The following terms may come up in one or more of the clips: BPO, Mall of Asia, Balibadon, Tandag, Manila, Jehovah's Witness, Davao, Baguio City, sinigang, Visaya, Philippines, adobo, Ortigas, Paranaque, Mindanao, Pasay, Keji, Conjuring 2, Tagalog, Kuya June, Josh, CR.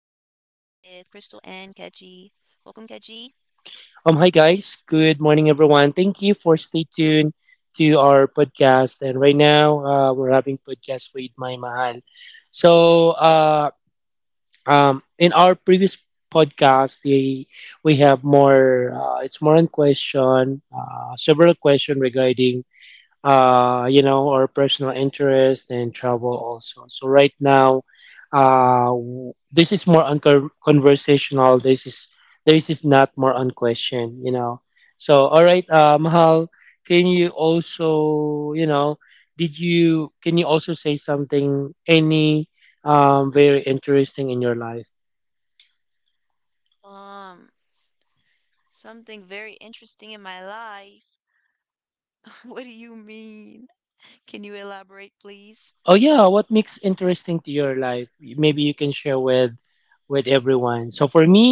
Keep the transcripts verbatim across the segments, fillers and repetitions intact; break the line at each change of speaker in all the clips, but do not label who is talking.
Keji. Welcome, Keji.
Um, hi guys. Good morning, everyone. Thank you for stay tuned to our podcast. And right now, uh, we're having podcast with my mahal. So, uh, um, in our previous podcast, the, we have more. Uh, it's more on question, uh, several question regarding uh, you know, our personal interest and travel also. So right now, uh, w- this is more unco conversational. This is this is not more on question, you know. So all right, uh, Mahal, can you also, you know, did you can you also say something any um very interesting in your life?
Um, Something very interesting in my life. What do you mean? Can you elaborate, please?
Oh yeah, what makes interesting to your life? Maybe you can share with with everyone. So for me,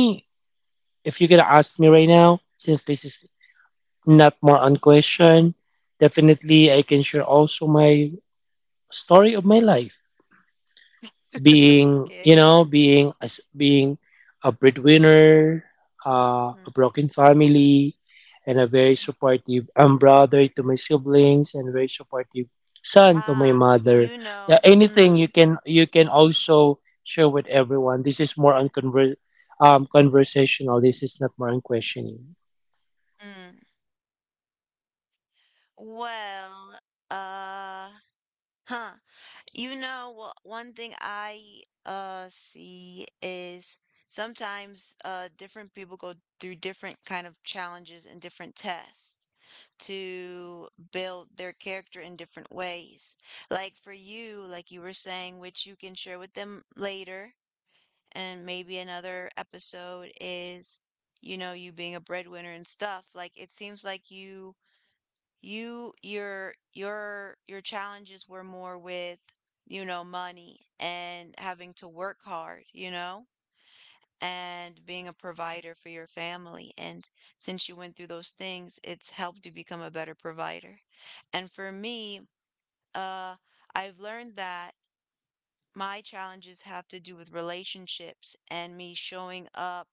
if you're gonna ask me right now, since this is not more on question, definitely I can share also my story of my life, being you
Okay.
know, being as being a breadwinner, uh, a broken family, and a very
Mm.
supportive um, brother to my siblings, and very supportive son to my
Ah,
mother.
you
Yeah,
know.
anything you
Mm,
can you can also share with everyone. This is more on conver- um, conversational. This is not more on questioning.
mm. Well, uh, huh. You know, well, one thing I uh see is, sometimes uh different people go through different kind of challenges and different tests to build their character in different ways. Like for you, like you were saying, which you can share with them later, and maybe another episode is, you know, you being a breadwinner and stuff. Like it seems like you you your your your challenges were more with, you know money and having to work hard, you know and being a provider for your family. And since you went through those things, it's helped you become a better provider. And for me, uh I've learned that my challenges have to do with relationships and me showing up,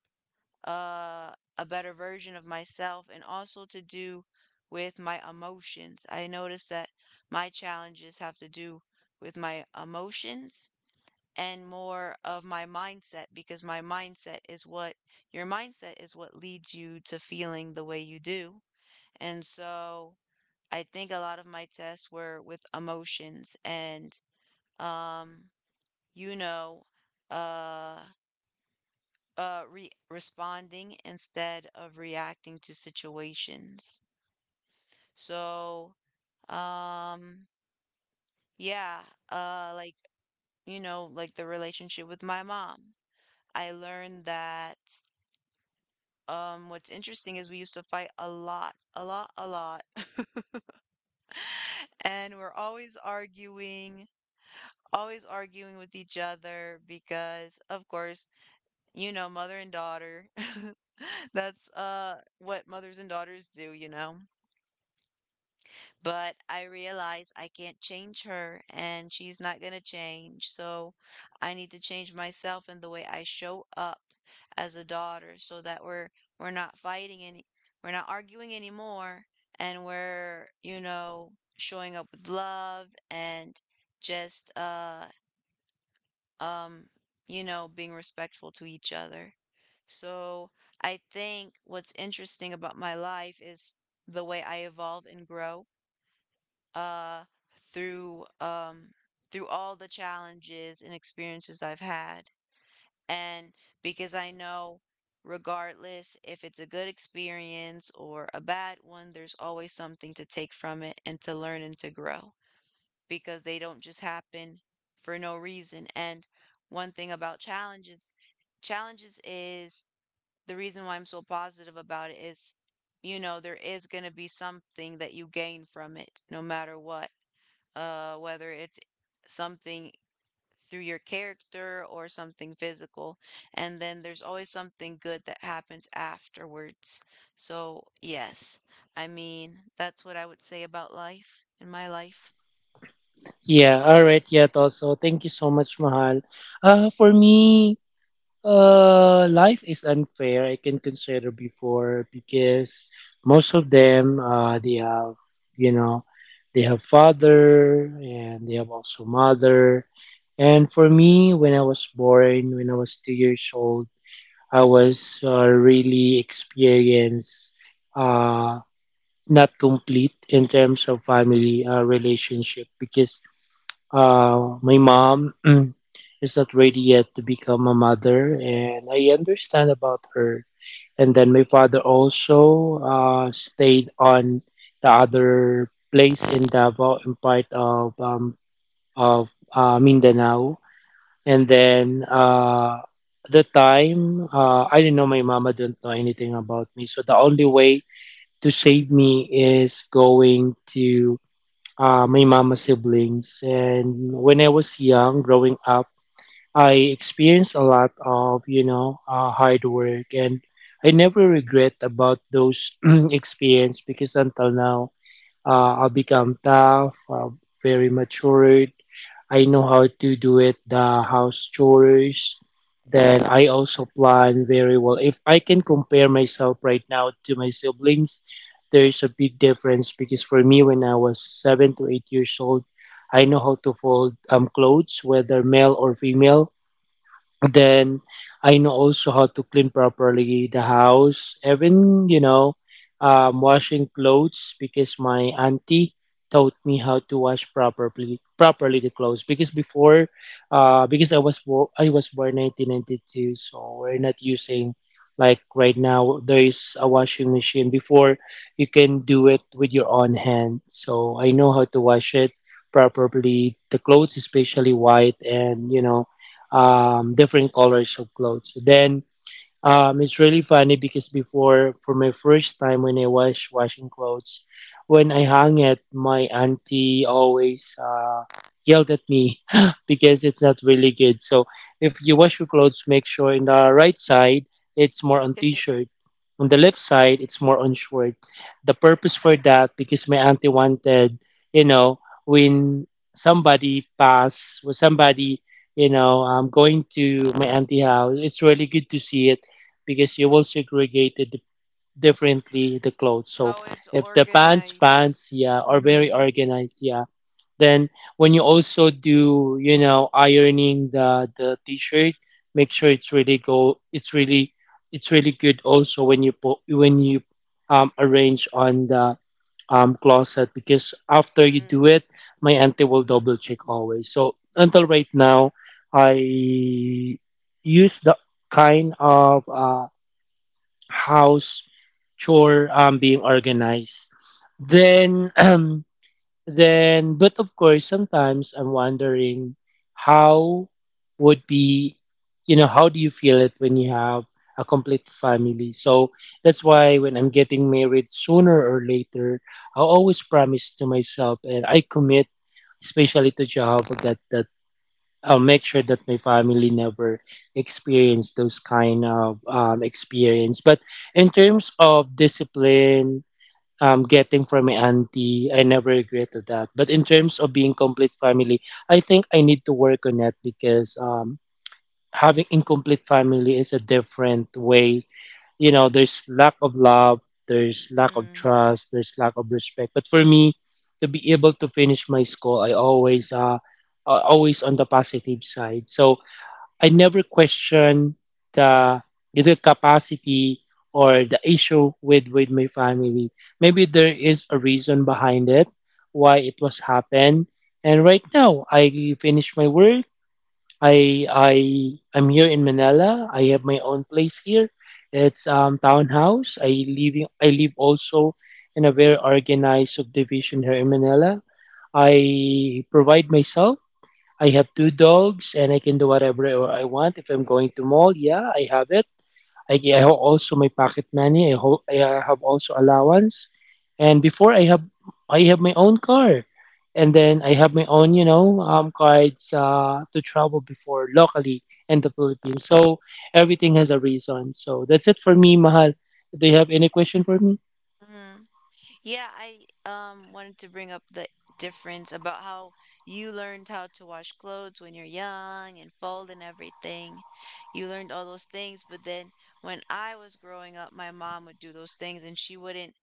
uh, a better version of myself, and also to do with my emotions. I notice that my challenges have to do with my emotions and more of my mindset, because my mindset is what your mindset is what leads you to feeling the way you do. And so I think a lot of my tests were with emotions and, um you know uh uh re- responding instead of reacting to situations. So, um yeah, uh like, you know, like the relationship with my mom, I learned that um what's interesting is, we used to fight a lot a lot a lot. And we're always arguing, always arguing with each other, because of course, you know, mother and daughter, that's uh what mothers and daughters do you know But I realize I can't change her, and she's not going to change. So I need to change myself and the way I show up as a daughter, so that we're we're not fighting any we're not arguing anymore, and we're, you know, showing up with love, and just uh um you know, being respectful to each other. So I think what's interesting about my life is the way I evolve and grow, uh, through um, through all the challenges and experiences I've had. And because I know, regardless if it's a good experience or a bad one, there's always something to take from it, and to learn and to grow, because they don't just happen for no reason. And one thing about challenges, challenges is, the reason why I'm so positive about it is, you know, there is going to be something that you gain from it, no matter what, uh, whether it's something through your character or something physical. And then there's always something good that happens afterwards. So, yes, I mean, that's what I would say about life, in my life.
Yeah, all right, yeah, also. Thank you so much, Mahal. Uh, for me, uh, life is unfair, I can consider before, because most of them, uh, they have, you know, they have father and they have also mother. And for me, when I was born, when I was two years old, I was uh, really experienced. Uh, Not complete in terms of family uh, relationship because uh, my mom is not ready yet to become a mother, and I understand about her. And then my father also uh, stayed on the other place in Davao, in part of um, of uh, Mindanao. And then uh, At the time, uh, I didn't know my mama didn't know anything about me. So the only way to save me is going to uh, my mama siblings. And when I was young, growing up, I experienced a lot of you know uh, hard work, and I never regret about those experience because until now uh, I become tough, uh, very matured. I know how to do it the house chores. Then I also plan very well. If I can compare myself right now to my siblings, there is a big difference because for me, when I was seven to eight years old, I know how to fold um, clothes, whether male or female. Then I know also how to clean properly the house, even you know, um, washing clothes because my auntie taught me how to wash properly properly the clothes because before uh because I was born I was born nineteen ninety-two, so we're not using like right now there is a washing machine. Before, you can do it with your own hand, so I know how to wash it properly the clothes, especially white and you know, um, different colors of clothes. Then um, it's really funny because before, for my first time when I was washing clothes, when I hung it, my auntie always uh, yelled at me because it's not really good. So if you wash your clothes, make sure in the right side it's more on t-shirt, on the left side it's more on short. The purpose for that because my auntie wanted, you know, when somebody pass, when somebody you know, um, going to my auntie house, it's really good to see it because you will segregate it differently the clothes. So
Oh, it's
if the pants
organized.
pants yeah are very
Mm-hmm.
organized, yeah, then when you also do you know ironing the the t-shirt, make sure it's really go it's really, it's really good also when you put when you um arrange on the um closet because after you
Mm.
do it my auntie will double check always. So until right now I use the kind of uh house chore um being organized. Then um then But of course sometimes I'm wondering how would be, you know, how do you feel it when you have a complete family? So that's why when I'm getting married sooner or later, I always promise to myself and I commit especially to Jehovah God, I'll make sure that my family never experience those kind of um, experience. But in terms of discipline, um, getting from my auntie, I never regretted that. But in terms of being complete family, I think I need to work on it because um, having incomplete family is a different way. You know, there's lack of love, there's lack of
Hmm.
trust, there's lack of respect. But for me, to be able to finish my school, I always uh, uh, always on the positive side. So I never question the either capacity or the issue with with my family. Maybe there is a reason behind it, why it was happened. And right now, I finished my work. I I I'm here in Manila. I have my own place here. It's um townhouse. I live in- I live also in a very organized subdivision here in Manila. I provide myself. I have two dogs and I can do whatever I want. If I'm going to mall, yeah, I have it. I, I have also my pocket money. I, ho- I have also allowance. And before I have I have my own car, and then I have my own you know um cards uh, to travel before locally in the Philippines. So everything has a reason. So that's it for me, Mahal. Do you have any question for me?
Mm. Hmm. Yeah, I um wanted to bring up the difference about how you learned how to wash clothes when you're young, and fold, and everything. You learned all those things, but then when I was growing up, my mom would do those things, and she wouldn't.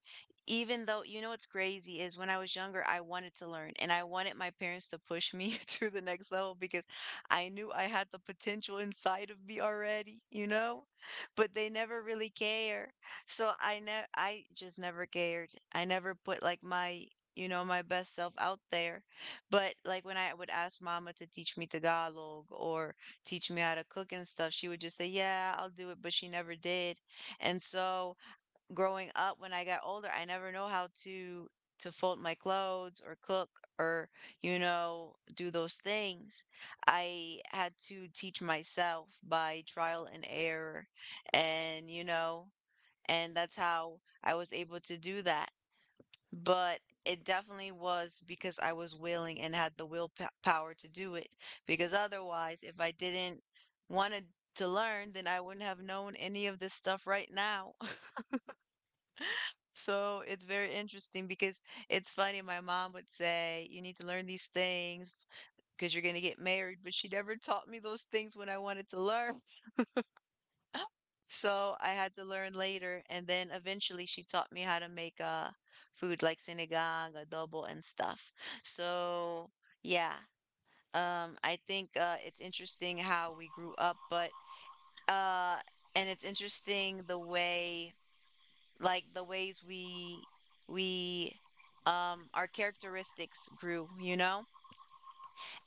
Even though, you know, what's crazy is, when I was younger, I wanted to learn and I wanted my parents to push me to the next level, because I knew I had the potential inside of me already, you know? But they never really care. So I ne I just never cared. I never put, like, my, you know, my best self out there. But, like, when I would ask mama to teach me Tagalog or teach me how to cook and stuff, she would just say, "Yeah, I'll do it," but she never did. And so growing up, when I got older, I never know how to to fold my clothes, or cook, or, you know do those things. I had to teach myself by trial and error, and you know and that's how I was able to do that. But it definitely was because I was willing and had the willpower to do it, because otherwise, if I didn't want to to learn, then I wouldn't have known any of this stuff right now. So it's very interesting, because it's funny. My mom would say, "You need to learn these things because you're going to get married," but she never taught me those things when I wanted to learn. So I had to learn later. And then eventually she taught me how to make, uh, food like sinigang, adobo, and stuff. So yeah, um, I think, uh, it's interesting how we grew up, but, uh, and it's interesting the way. Like the ways we we um our characteristics grew, you know?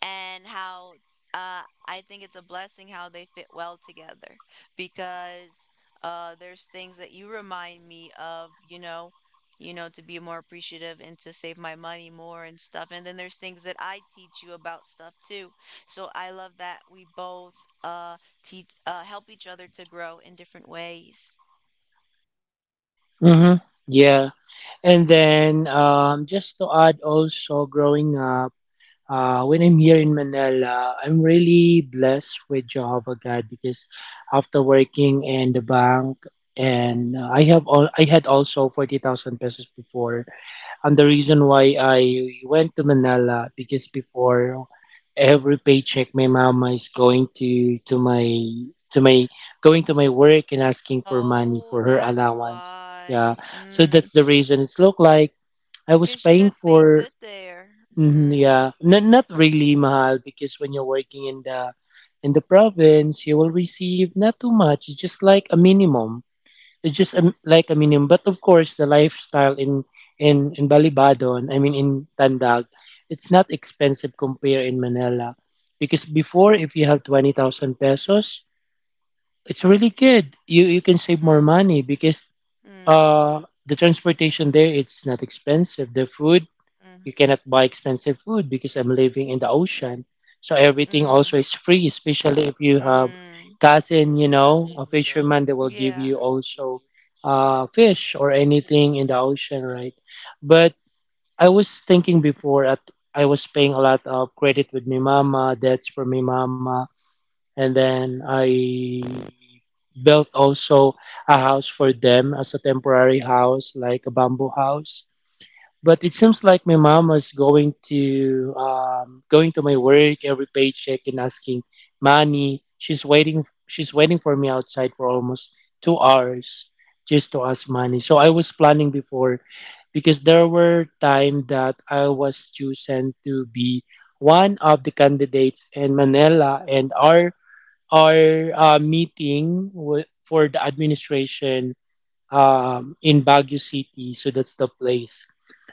And how, uh I think it's a blessing how they fit well together, because uh there's things that you remind me of, you know, you know, to be more appreciative and to save my money more and stuff. And then there's things that I teach you about stuff too. So I love that we both uh teach uh help each other to grow in different ways.
Mm-hmm. Yeah. And then um, just to add also growing up. Uh, when I'm here in Manila, I'm really blessed with Jehovah God because after working in the bank and uh, I have all, I had also forty thousand pesos before. And the reason why I went to Manila because before every paycheck my mama is going to to my to my going to my work and asking for money
Oh,
for her
that's
allowance.
why.
Yeah. So that's
Mm.
the reason it's look like I was
'Cause you got
paying
paid good
for.
there.
Mhm,
Mm,
yeah, N- not really mahal because when you're working in the in the province, you will receive not too much. It's just like a minimum. It's just a, like a minimum. But of course, the lifestyle in in in Balibadon, I mean in Tandag, it's not expensive compared in Manila, because before
mm,
if you have twenty thousand pesos, it's really good. You you can save more
mm,
money because
mm,
uh the transportation there it's not expensive. The food, you cannot buy expensive food because I'm living in the ocean. So everything
mm,
also is free, especially if you have
mm, mm.
cousin, you know, a fisherman that will give
Yeah.
you also uh, fish or anything in the ocean, right? But I was thinking before at I was paying a lot of credit with my mama, debts for my mama, and then I built also a house for them as a temporary house, like a bamboo house, but it seems like my mom was going to um, going to my work every paycheck and asking money. She's waiting. She's waiting for me outside for almost two hours just to ask money. So I was planning before because there were time that I was chosen to be one of the candidates in Manila, and our our uh, meeting wa- for the administration um, in Baguio City. So that's the place.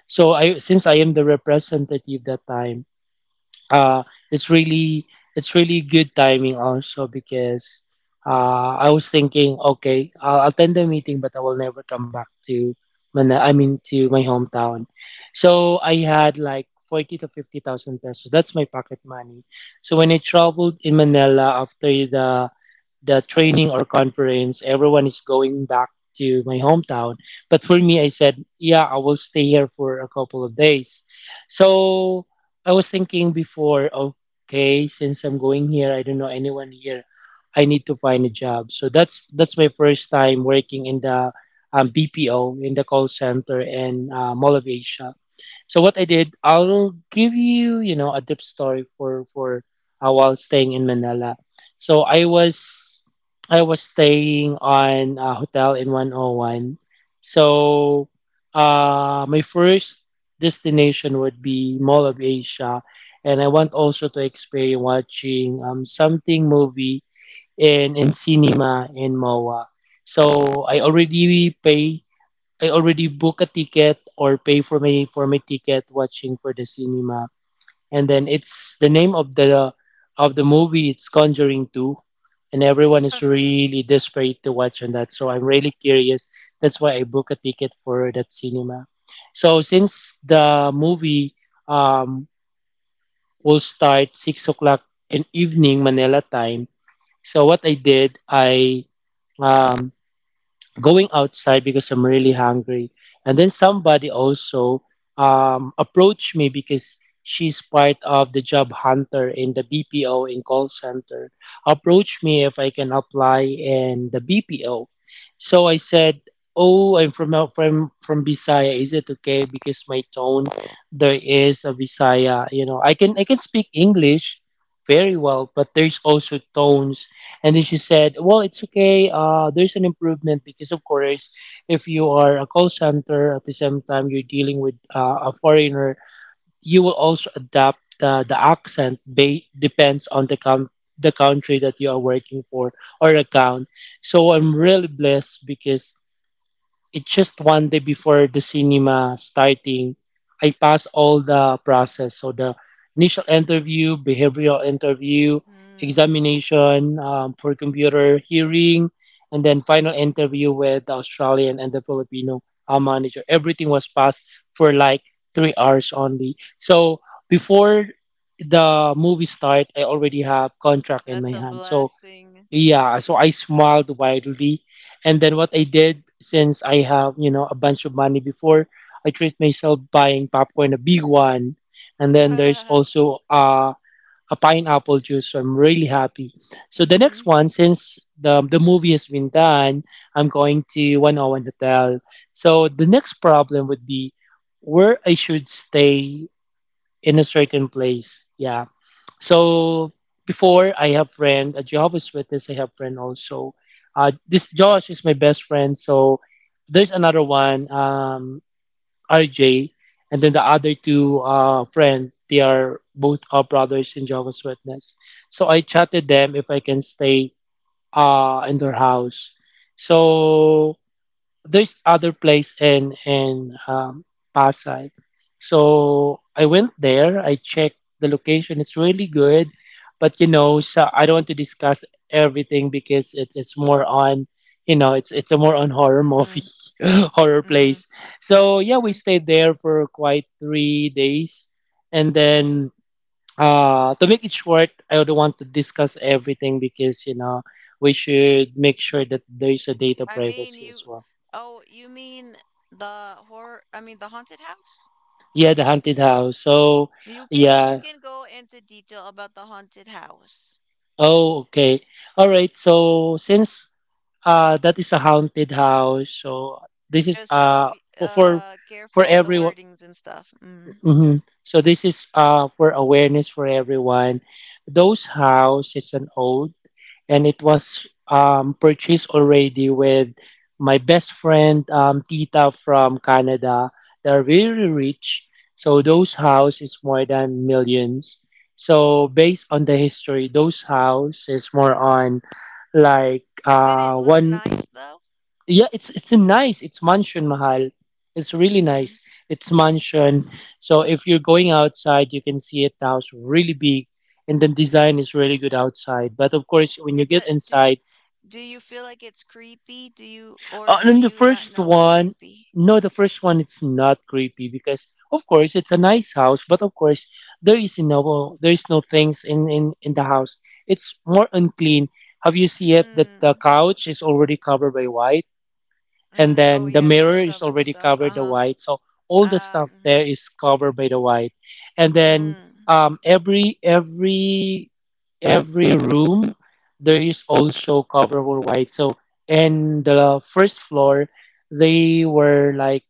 So I, since I am the representative that time, uh, it's really, it's really good timing also because uh, I was thinking, okay, I'll attend the meeting, but I will never come back to Mana- I mean to my hometown. So I had like forty to fifty thousand pesos. That's my pocket money. So when I traveled in Manila after the the training or conference, everyone is going back to my hometown. But for me, I said, yeah, I will stay here for a couple of days. So I was thinking before, okay, since I'm going here, I don't know anyone here. I need to find a job. So that's that's my first time working in the um, B P O in the call center in uh, Mall of Asia. So what I did, I'll give you, you know, a deep story for for uh, while staying in Manila. So I was I was staying on a hotel in one oh one. So uh, my first destination would be Mall of Asia, and I want also to experience watching um, something movie in in cinema in M O A. So I already pay. I already book a ticket or pay for my for my ticket watching for the cinema, and then it's the name of the of the movie. It's conjuring two, and everyone is really desperate to watch on that, so I'm really curious. That's why I book a ticket for that cinema. So since the movie um, will start six o'clock in evening Manila time, so what I did, I um, going outside because I'm really hungry. And then somebody also um, approached me because she's part of the job hunter in the B P O in call center. Approached me if I can apply in the B P O. So I said, "Oh, I'm from from from Visaya. Is it okay? Because my tone there is a Visaya. You know, I can I can speak English," very well, but there's also tones. And then she said, well, it's okay. Uh, there's an improvement because, of course, if you are a call center at the same time you're dealing with uh, a foreigner, you will also adapt the, the accent, ba- depends on the com- the country that you are working for, or account. So I'm really blessed because it's just one day before the cinema starting. I pass all the process. So the initial interview, behavioral interview,
Mm.
examination um, for computer hearing, and then final interview with the Australian and the Filipino uh, manager. Everything was passed for like three hours only. So before the movie start, I already have contract in
That's
my
a
hand. So
blessing.
yeah, so I smiled widely. And then what I did, since I have, you know, a bunch of money before, I treat myself buying popcorn, a big one. And then there's also uh, a pineapple juice, so I'm really happy. So the
Mm,
next one, since the, the movie has been done, I'm going to one oh one Hotel. So the next problem would be where I should stay in a certain place. Yeah. So before, I have friend, a Jehovah's Witness, I have friend also. Uh, this Josh is my best friend. So there's another one, um, R J, and then the other two uh, friend, they are both our brothers in Jehovah's Witness. So I chatted them if I can stay uh, in their house. So there's other place in in um, Pasay. So I went there. I checked the location. It's really good, but you know, so I don't want to discuss everything because it's it's more on, you know, it's it's a more on horror
mm,
movie, horror
mm,
place. So yeah, we
mm,
stayed there for quite three days, and
mm.
then. Uh, to make it short, I don't want to discuss everything because you know we should make sure that there is a data
I mean,
privacy
you,
as well.
oh, you mean the horror, I mean the haunted house?
Yeah, the haunted house. So,
You can you
yeah.
can go into detail about the haunted house.
Oh, okay. All right. So, since uh that is a haunted house, so this is
Just uh
uh
be
for for
uh
for
careful of the
everyone.
wordings and stuff. Mm.
hmm So this is uh for awareness for everyone. Those house, it's an old, and it was um, purchased already with my best friend um, Tita from Canada. They're very rich, so those house is more than millions. So based on the history, those house is more on like
Did it
uh
look
one.
nice though?
Yeah, it's it's a nice, it's mansion mahal, it's really
Mm-hmm.
nice, it's mansion. So if you're going outside, you can see it now, it's really big, and the design is really good outside, but of course when
It
you
do,
get
do
inside.
do you feel like it's creepy? Do you, or
Uh,
do
and the
you not
first
know it's
one,
creepy?
no, the first one it's not creepy because of course it's a nice house, but of course there is no there is no things in in in the house. It's more unclean. Have you see it that the
Mm.
couch is already covered by white? And
Mm. Oh
then the
yeah, they just
mirror is
covered
already
stuff.
covered the
Uh-huh.
white, so all the
Ah,
stuff
mm-hmm.
there is covered by the white. And then
Mm.
um, every every every room there is also covered with white, so in the first floor, they were like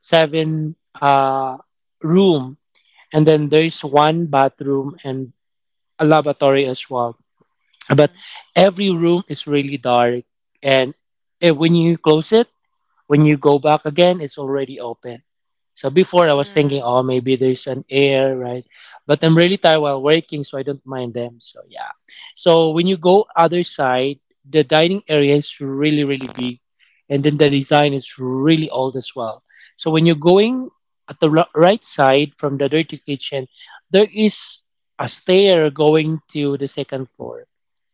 seven uh room, and then there is one bathroom and a lavatory as well. But
Mm.
every room is really dark, and eh, when you close it, when you go back again, it's already open. So before I was thinking,
Mm.
oh, maybe there's an air, right? But I'm really tired while working, so I don't mind them. So yeah. So when you go other side, the dining area is really, really big, and then the design is really old as well. So when you're going at the ri- right side from the dirty kitchen, there is a stair going to the second floor,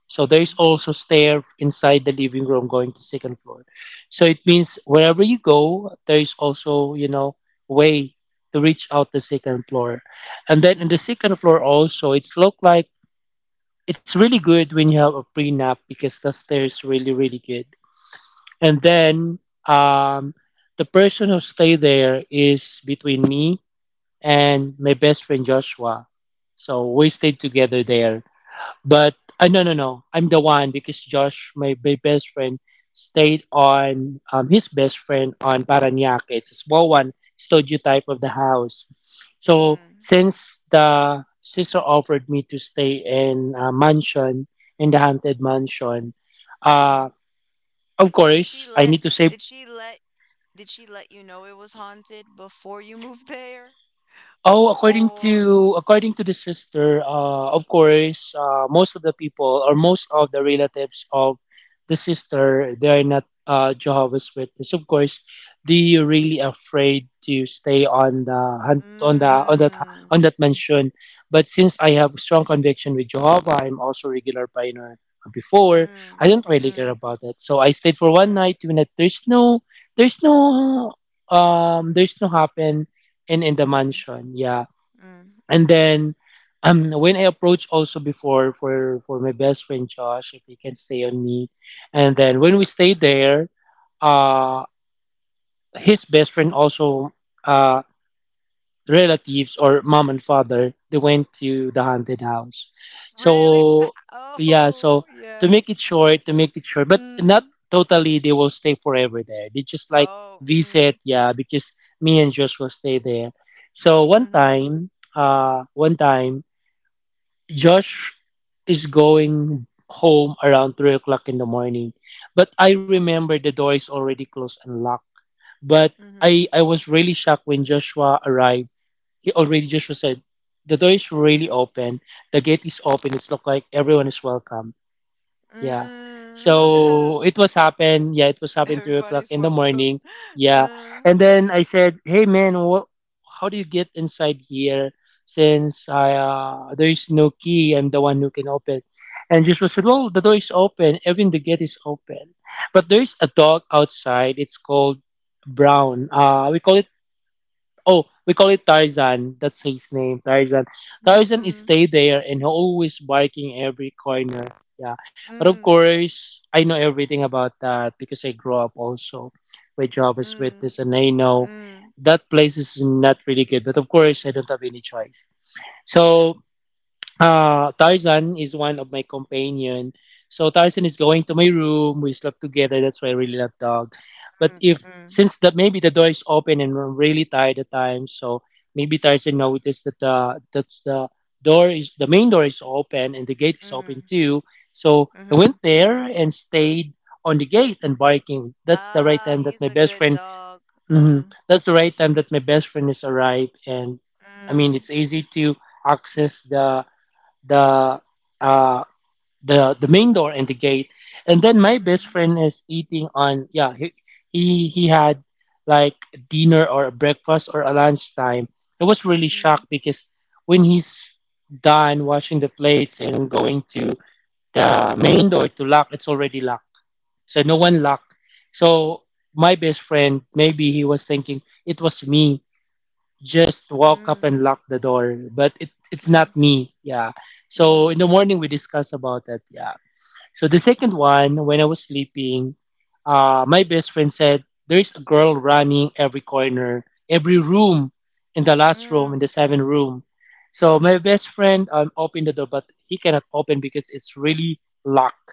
so there
Mm.
is also stair inside the living room going to second floor. So it means wherever you go, there is also, you know, way to reach out the second floor. And then
Mm.
in the second floor also, it's look like it's really good when you have a prenup because the stair is really, really good. And then um, the person who stay there is between me and my best friend Joshua. So we stayed together there. But uh, no, no, no, I'm the one because Josh, my, my best friend, stayed on um, his best friend on Paranaque. It's a small one, studio type of the house. So
Mm.
since the sister offered me to stay in a mansion, in the haunted mansion,
Mm.
uh, of
Did she
course I
let
need to save.
did she let did she let you know it? Was haunted before you moved there?
Oh, according
Or.
to according to the sister, uh, of course, uh, most of the people or most of the relatives of the sister, they are not uh, Jehovah's Witness. Of course, they really afraid to stay on the hun- on the on that
Mm,
on that mansion. But since I have strong conviction with Jehovah, I'm also regular pioneer. Before,
Mm,
I don't really
mm,
care about it, so I stayed for one
mm,
night. Two night. There's no, there's no, um, there's no happen and in the
mhm,
mansion. Yeah.
mm,
And
mm.
then um when I approached also before for for my best friend Josh if he can stay on me. And then when we stayed there, uh his best friend also, uh, relatives or mom and father, they went to the haunted house.
Really?
So yeah,
Oh,
so
yeah.
to make it short to make it short, but
Mm.
not totally they will stay forever there, they just like
Oh, mm,
visit, yeah, because me and Josh will stay there. So one
mhm,
time uh one time Josh is going home around three o'clock in the morning, but I remember the door is already closed and locked. But
mhm.
I, I was really shocked when Joshua arrived. He already Joshua said, the door is really open. The gate is open. It's look like everyone is welcome. Yeah.
Mm.
So it was happen. Yeah, it was happen three
Everybody's
o'clock in the
welcome.
morning. Yeah.
Uh,
And then I said, hey man, what? How do you get inside here? Since I uh, there is no key, I'm the one who can open. And Joshua said, well, the door is open. Even the gate is open. But there is a dog outside. It's called Brown. Uh, we call it Oh, we call it Tarzan. That's his name, Tarzan. Tarzan is
mm,
stay there, and he always barking every corner. Yeah, but of
mhm,
course, I know everything about that because I grew up also with
mm,
Jehovah's
mm,
Witness, and I know
mm,
that place is not really good. But of course, I don't have any choice. So uh, Tarzan is one of my companion. So Tarzan is going to my room. We slept together. That's why I really love dog. But if
mm,
since that, maybe the door is open and I'm really tired at times, so maybe Tarzan noticed that the that's the door is the main door is open, and the
mm,
gate is
mhm,
open too. So I
mhm.
went there and stayed on the gate and barking. That's the right
Ah,
time
he's
that
a
my best
good
friend.
dog.
Mhm,
Mm,
that's the right time that my best friend is arrived. And I mean,
mm,
it's easy to access the the uh the the main door and the gate, and then my
mhm,
best friend is eating on, yeah, he he, he had like dinner or a breakfast or a lunchtime. I was really
mm,
shocked because when he's done washing the plates and going to the main door to lock, it's already locked. So no
mm,
one locked. So my best friend, maybe he was thinking it was me just walk up
mm,
and lock the door, but it, it's
mm,
not me, yeah.
mm,
So in the morning, we discuss about that. Yeah. So the second one, when I was sleeping, uh, my best friend said there's a girl running every corner, every room, in the last room,
mm,
in the seventh room. So my best friend um, opened the door, but he cannot open because it's really locked.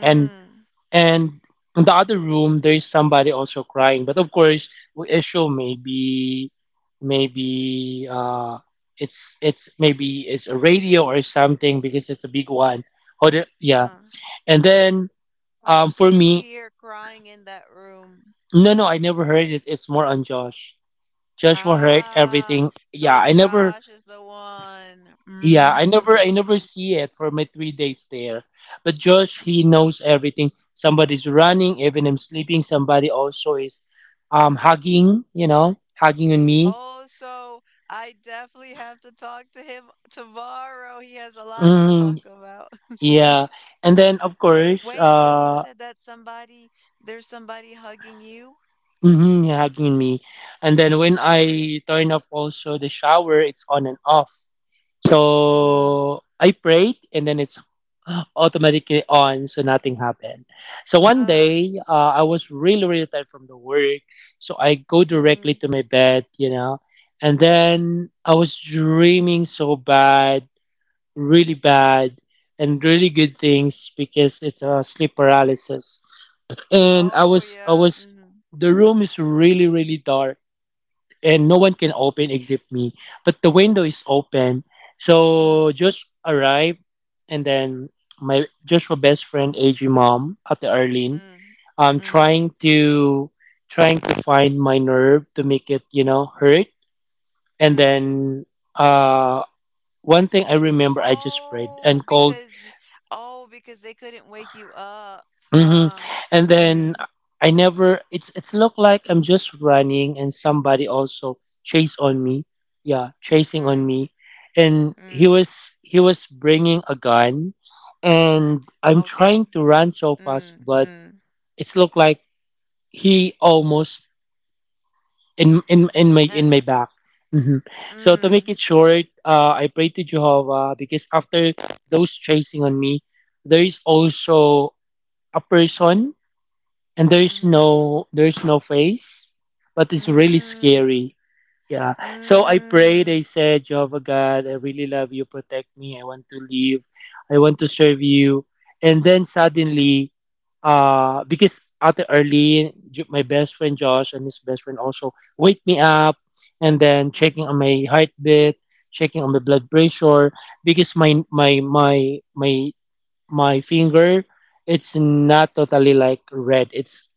And. And in the other room, there is somebody also crying. But of course, we assume maybe, maybe uh, it's it's maybe it's a radio or something because it's a big one. Or the, yeah.
Ah.
And then
Oh, so
um, for
you
me,
hear crying in that room.
no, no, I never heard it. It's more on Josh. Joshua heard
Ah,
everything.
so
Yeah, I
Josh
never
is the one. Mm.
Yeah, I never I never see it for my three days there. But Josh, he knows everything. Somebody's running, even I'm sleeping, somebody also is um hugging, you know, hugging on me.
Oh, so I definitely have to talk to him tomorrow. He has a lot to talk
Mm,
about.
yeah. And then of course,
Wait, so he
uh
said that somebody, there's somebody hugging you?
mhm, hugging on me. And then when I turn off also the shower, it's on and off.
Mm-hmm.
So I prayed and then it's automatically on, so nothing happened. So one
Uh,
day uh, I was really really tired from the work, so I go
mm.
directly to my bed, you know, and then I was dreaming so bad, really bad, and really good things because it's a sleep paralysis, and I
Oh,
was I
yeah.
was
Mm-hmm.
the room is really really dark and no one can open except me. But the window is open.
Mm,
So Josh arrived, and then my Joshua best friend A G mom at the Arlene
mm,
um
mm,
trying to trying to find my nerve to make it, you know, hurt. And
mm.
then uh one thing I remember, I just prayed
Oh,
and called.
because y- oh, because they couldn't wake you up.
hmm
Huh.
And
Mm,
then I never. It's it's looked like I'm just running, and somebody also chased on me. Yeah, chasing
mm,
on me, and he
mm,
was he was bringing a gun,
mm.
and I'm
Okay.
trying to run so
Mm,
fast, but
mm.
it's looked like he almost in in in
Uh,
my in my back. hmm So to
mm,
make it short, uh, I pray to Jehovah because after those chasing on me, there is also a person, and there is
mm,
no there is no face, but it's really
mm,
scary, yeah. So I prayed.
mm,
I said, Jehovah God, I really love you, protect me, I want to live, I want to serve you. And then suddenly uh because Ate Arlene, Ju- my best friend Josh and his best friend also wake me up, and then
mm,
checking on my heartbeat, checking on my blood pressure, because my my my my my finger, it's not totally like red. It's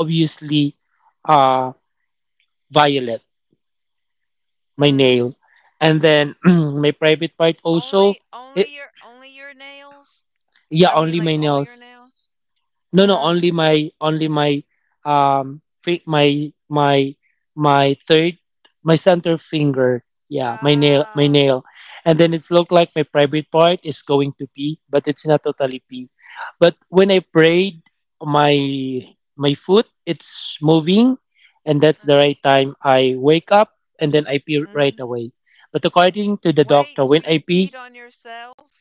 obviously uh violet, my
mm.
nail. And then my private part
Only,
also,
only
it,
your, only your nails? I
yeah,
mean, like,
only my
all your
nails.
nails?
No, no,
Mm.
only my only my um fi- my my my third, my center finger. Yeah, my nail, my
Ah.
nail, and then it's looked like my private part is going to pee, but it's not totally pee. But when I prayed, my my foot it's moving, and that's
Mm-hmm,
the right time I wake up, and then I pee
mm-hmm.
right away. But according to the
Wait, so
doctor, when
you
I
peed
pee,
on yourself?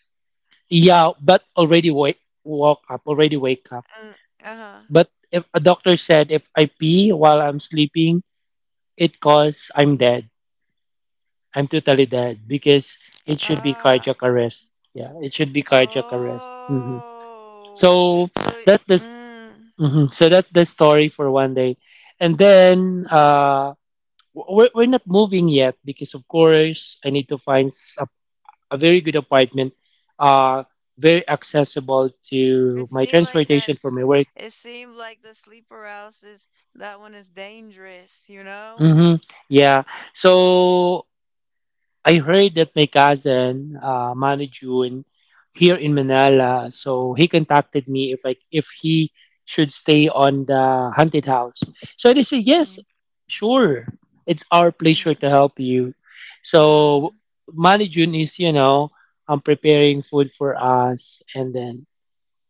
yeah, but already wake, woke up, already wake up.
Mm, uh-huh.
But if a doctor said if I pee while I'm sleeping, it cause I'm dead. I'm totally dead because it should be
Ah.
cardiac arrest. Yeah, it should be cardiac arrest. hmm
Oh,
So
so it-
that's this.
mm,
Mhm. So that's the story for one day, and then uh, w- we're we're not moving yet, because of course I need to find s- a, a very good apartment, uh, very accessible to
it
my
seemed like that.
transportation
sl-
for my work.
It seemed like the sleep paralysis. That one is dangerous, you know.
hmm Yeah, so I heard that my cousin uh, managed you in here in Manila, so he contacted me if like if he should stay on the haunted house. So I said
Mm-hmm.
yes, sure. It's our
Mm-hmm.
pleasure to help you.
Mm-hmm.
So Manijun is, you know, um preparing food for us, and then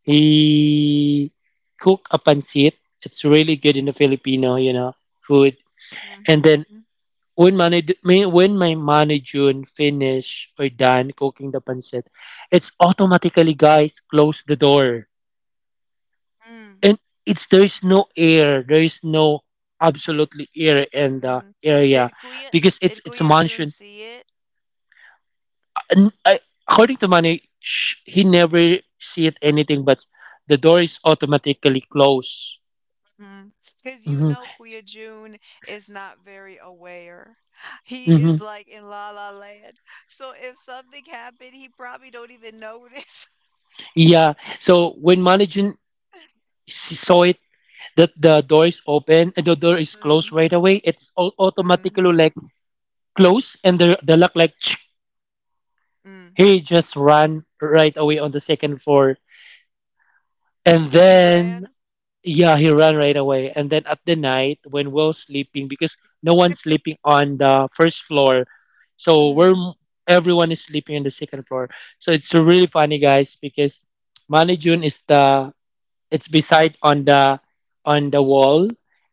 he cook a pancit. It's really good in the Filipino, you know, food, and then when my ma- when my Manny finish or done cooking the pancit, it's automatically guys close the door,
Mm-hmm.
and it's there's no air, there's no absolutely air in
Mm-hmm.
the
Did
area
Kuya
because
Did
it's
Kuya
it's a
June
mansion.
see it?
And I, according to Manny, sh- he never see it anything, but the door is automatically closed.
Mm-hmm. Because you know
hmm
Kuya June is not very aware. He is
hmm
like in La La Land. So if something happened, he probably don't even notice.
Yeah. So when Manny June, the the door is open and the door is
Mm-hmm.
closed right away, it's all
Mm-hmm.
automatically like closed, and the the lock like he just ran right away on the second floor, and
He ran.
then yeah, he ran right away. And then at the night when we're sleeping, because no one's sleeping on the first floor, so
Mhm,
we're everyone is sleeping on the second floor. So it's really funny guys, because Manny June is the, it's beside on the on the wall,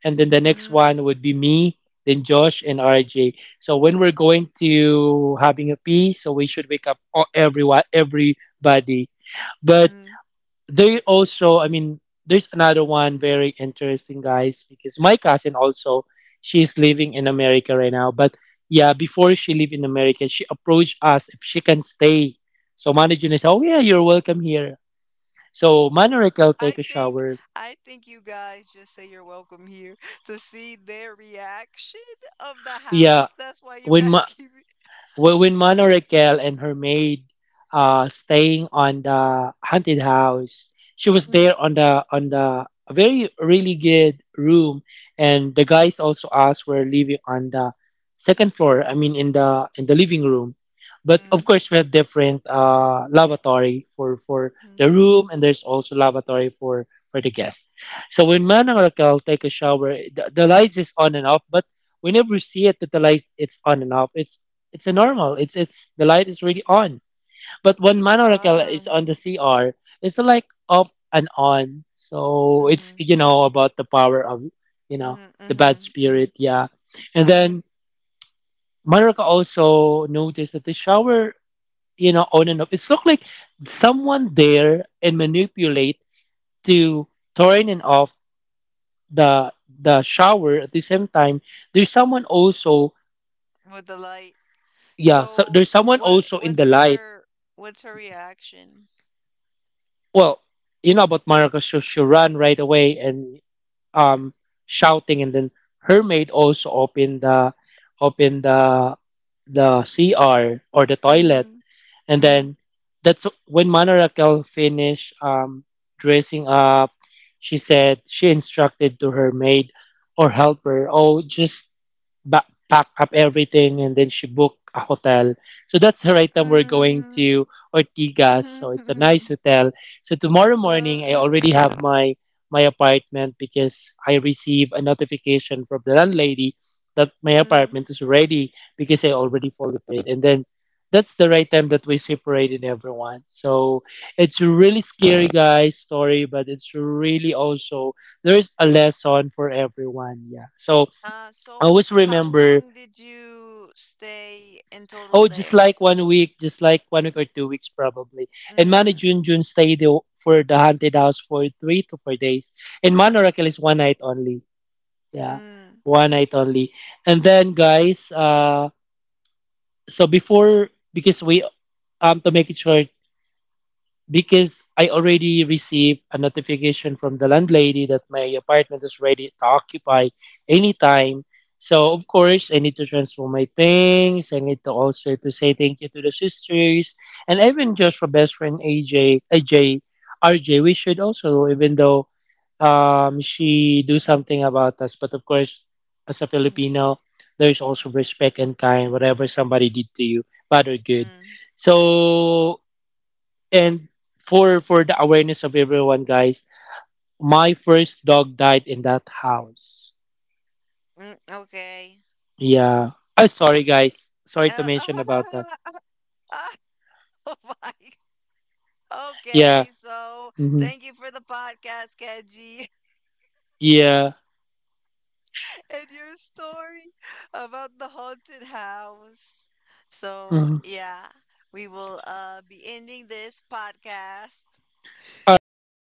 and then the
mhm,
next one would be me, then Josh and RJ. So when we're going to having a pee, so we should wake up all- everyone, everybody. But
mhm.
there also, I mean, there's another one very interesting guys, because my cousin also, she's living in America right now, but yeah, before she lived in America, she approached us if she can stay, so manager said, oh yeah, you're welcome here. So Manorek will
I
take a
think
shower.
I think you guys just say you're welcome here to see their reaction of the house.
Yeah,
That's why you guys
when my
keep it.
Wh- when Mano Raquel and her maid uh staying on the haunted house, she was
Mm,
there on the on the a very really good room, and the
mm,
guys also asked were living on the second floor. I mean in the in the living room, but
mm,
of course we have different uh lavatory for for the
mhm,
room, and there's also lavatory for for the guest. So when
mhm.
Mano Raquel take a shower, the, the lights is on and off, but we never see it that the light it's on and off. It's it's a normal. It's it's the light is really on. But
Yeah.
when Mano Raquel
Ah.
is on the C R, it's like off and on. So
Mhm.
it's, you know, about the power of, you
Mhm.
know, the bad
Mhm. Mhm.
spirit, yeah. And
Mhm.
then Maruka also noticed that the shower, you know, on and off. It's looked like someone there and manipulate to turn and off the the shower at the same time. There's someone also,
With the light.
yeah. So
So,
there's someone
what?
also
What's
in the light.
her? What's her reaction?
Well, you know about Marcos, she, she ran right away and um shouting, and then her maid also opened the opened the the C R or the
Mm.
toilet, and
Mm.
then that's when Manarakel finished um dressing up. She said she instructed to her maid or helper, oh, just ba- pack up everything, and then she booked a hotel. So that's her item. We're going
Mm.
to Ortigas. So it's a nice hotel. So tomorrow
Uh,
morning, I
uh,
already have my my apartment because I receive a notification from the landlady that my
mm.
apartment is ready because I already fully paid. And then that's the right time that we separated everyone. So it's a really scary guys story, but it's really also there's a lesson for everyone. Yeah. So
Uh, so
always
how long
remember.
did you stay in total
Oh, just
there?
like one week, just like one week or two weeks probably. And Manu
Mm,
Junjun stayed the- for the haunted house for three to four days. And Manu Raquel is one night only. Yeah,
mm,
one night only. And then guys, uh, so before, because we um to make it short, because I already received a notification from the landlady that my apartment is ready to occupy anytime. So of course I need to transfer my things. I need to also to say thank you to the sisters, and even just for best friend A J A J R J. We should also, even though um she do something about us, but of course as a
Mm,
Filipino there's also respect and kind whatever somebody did to you, bad or good.
mm,
So and for for the awareness of everyone guys, my first dog died in that house.
mm, okay.
Yeah. Oh, sorry guys,
Uh,
sorry to mention about that.
oh my. Okay,
Yeah.
so thank
hmm
you for the podcast, Kenji,
yeah.
and your story about the haunted house. So
Mhm.
yeah, we will uh be ending this podcast.
All right. Yeah.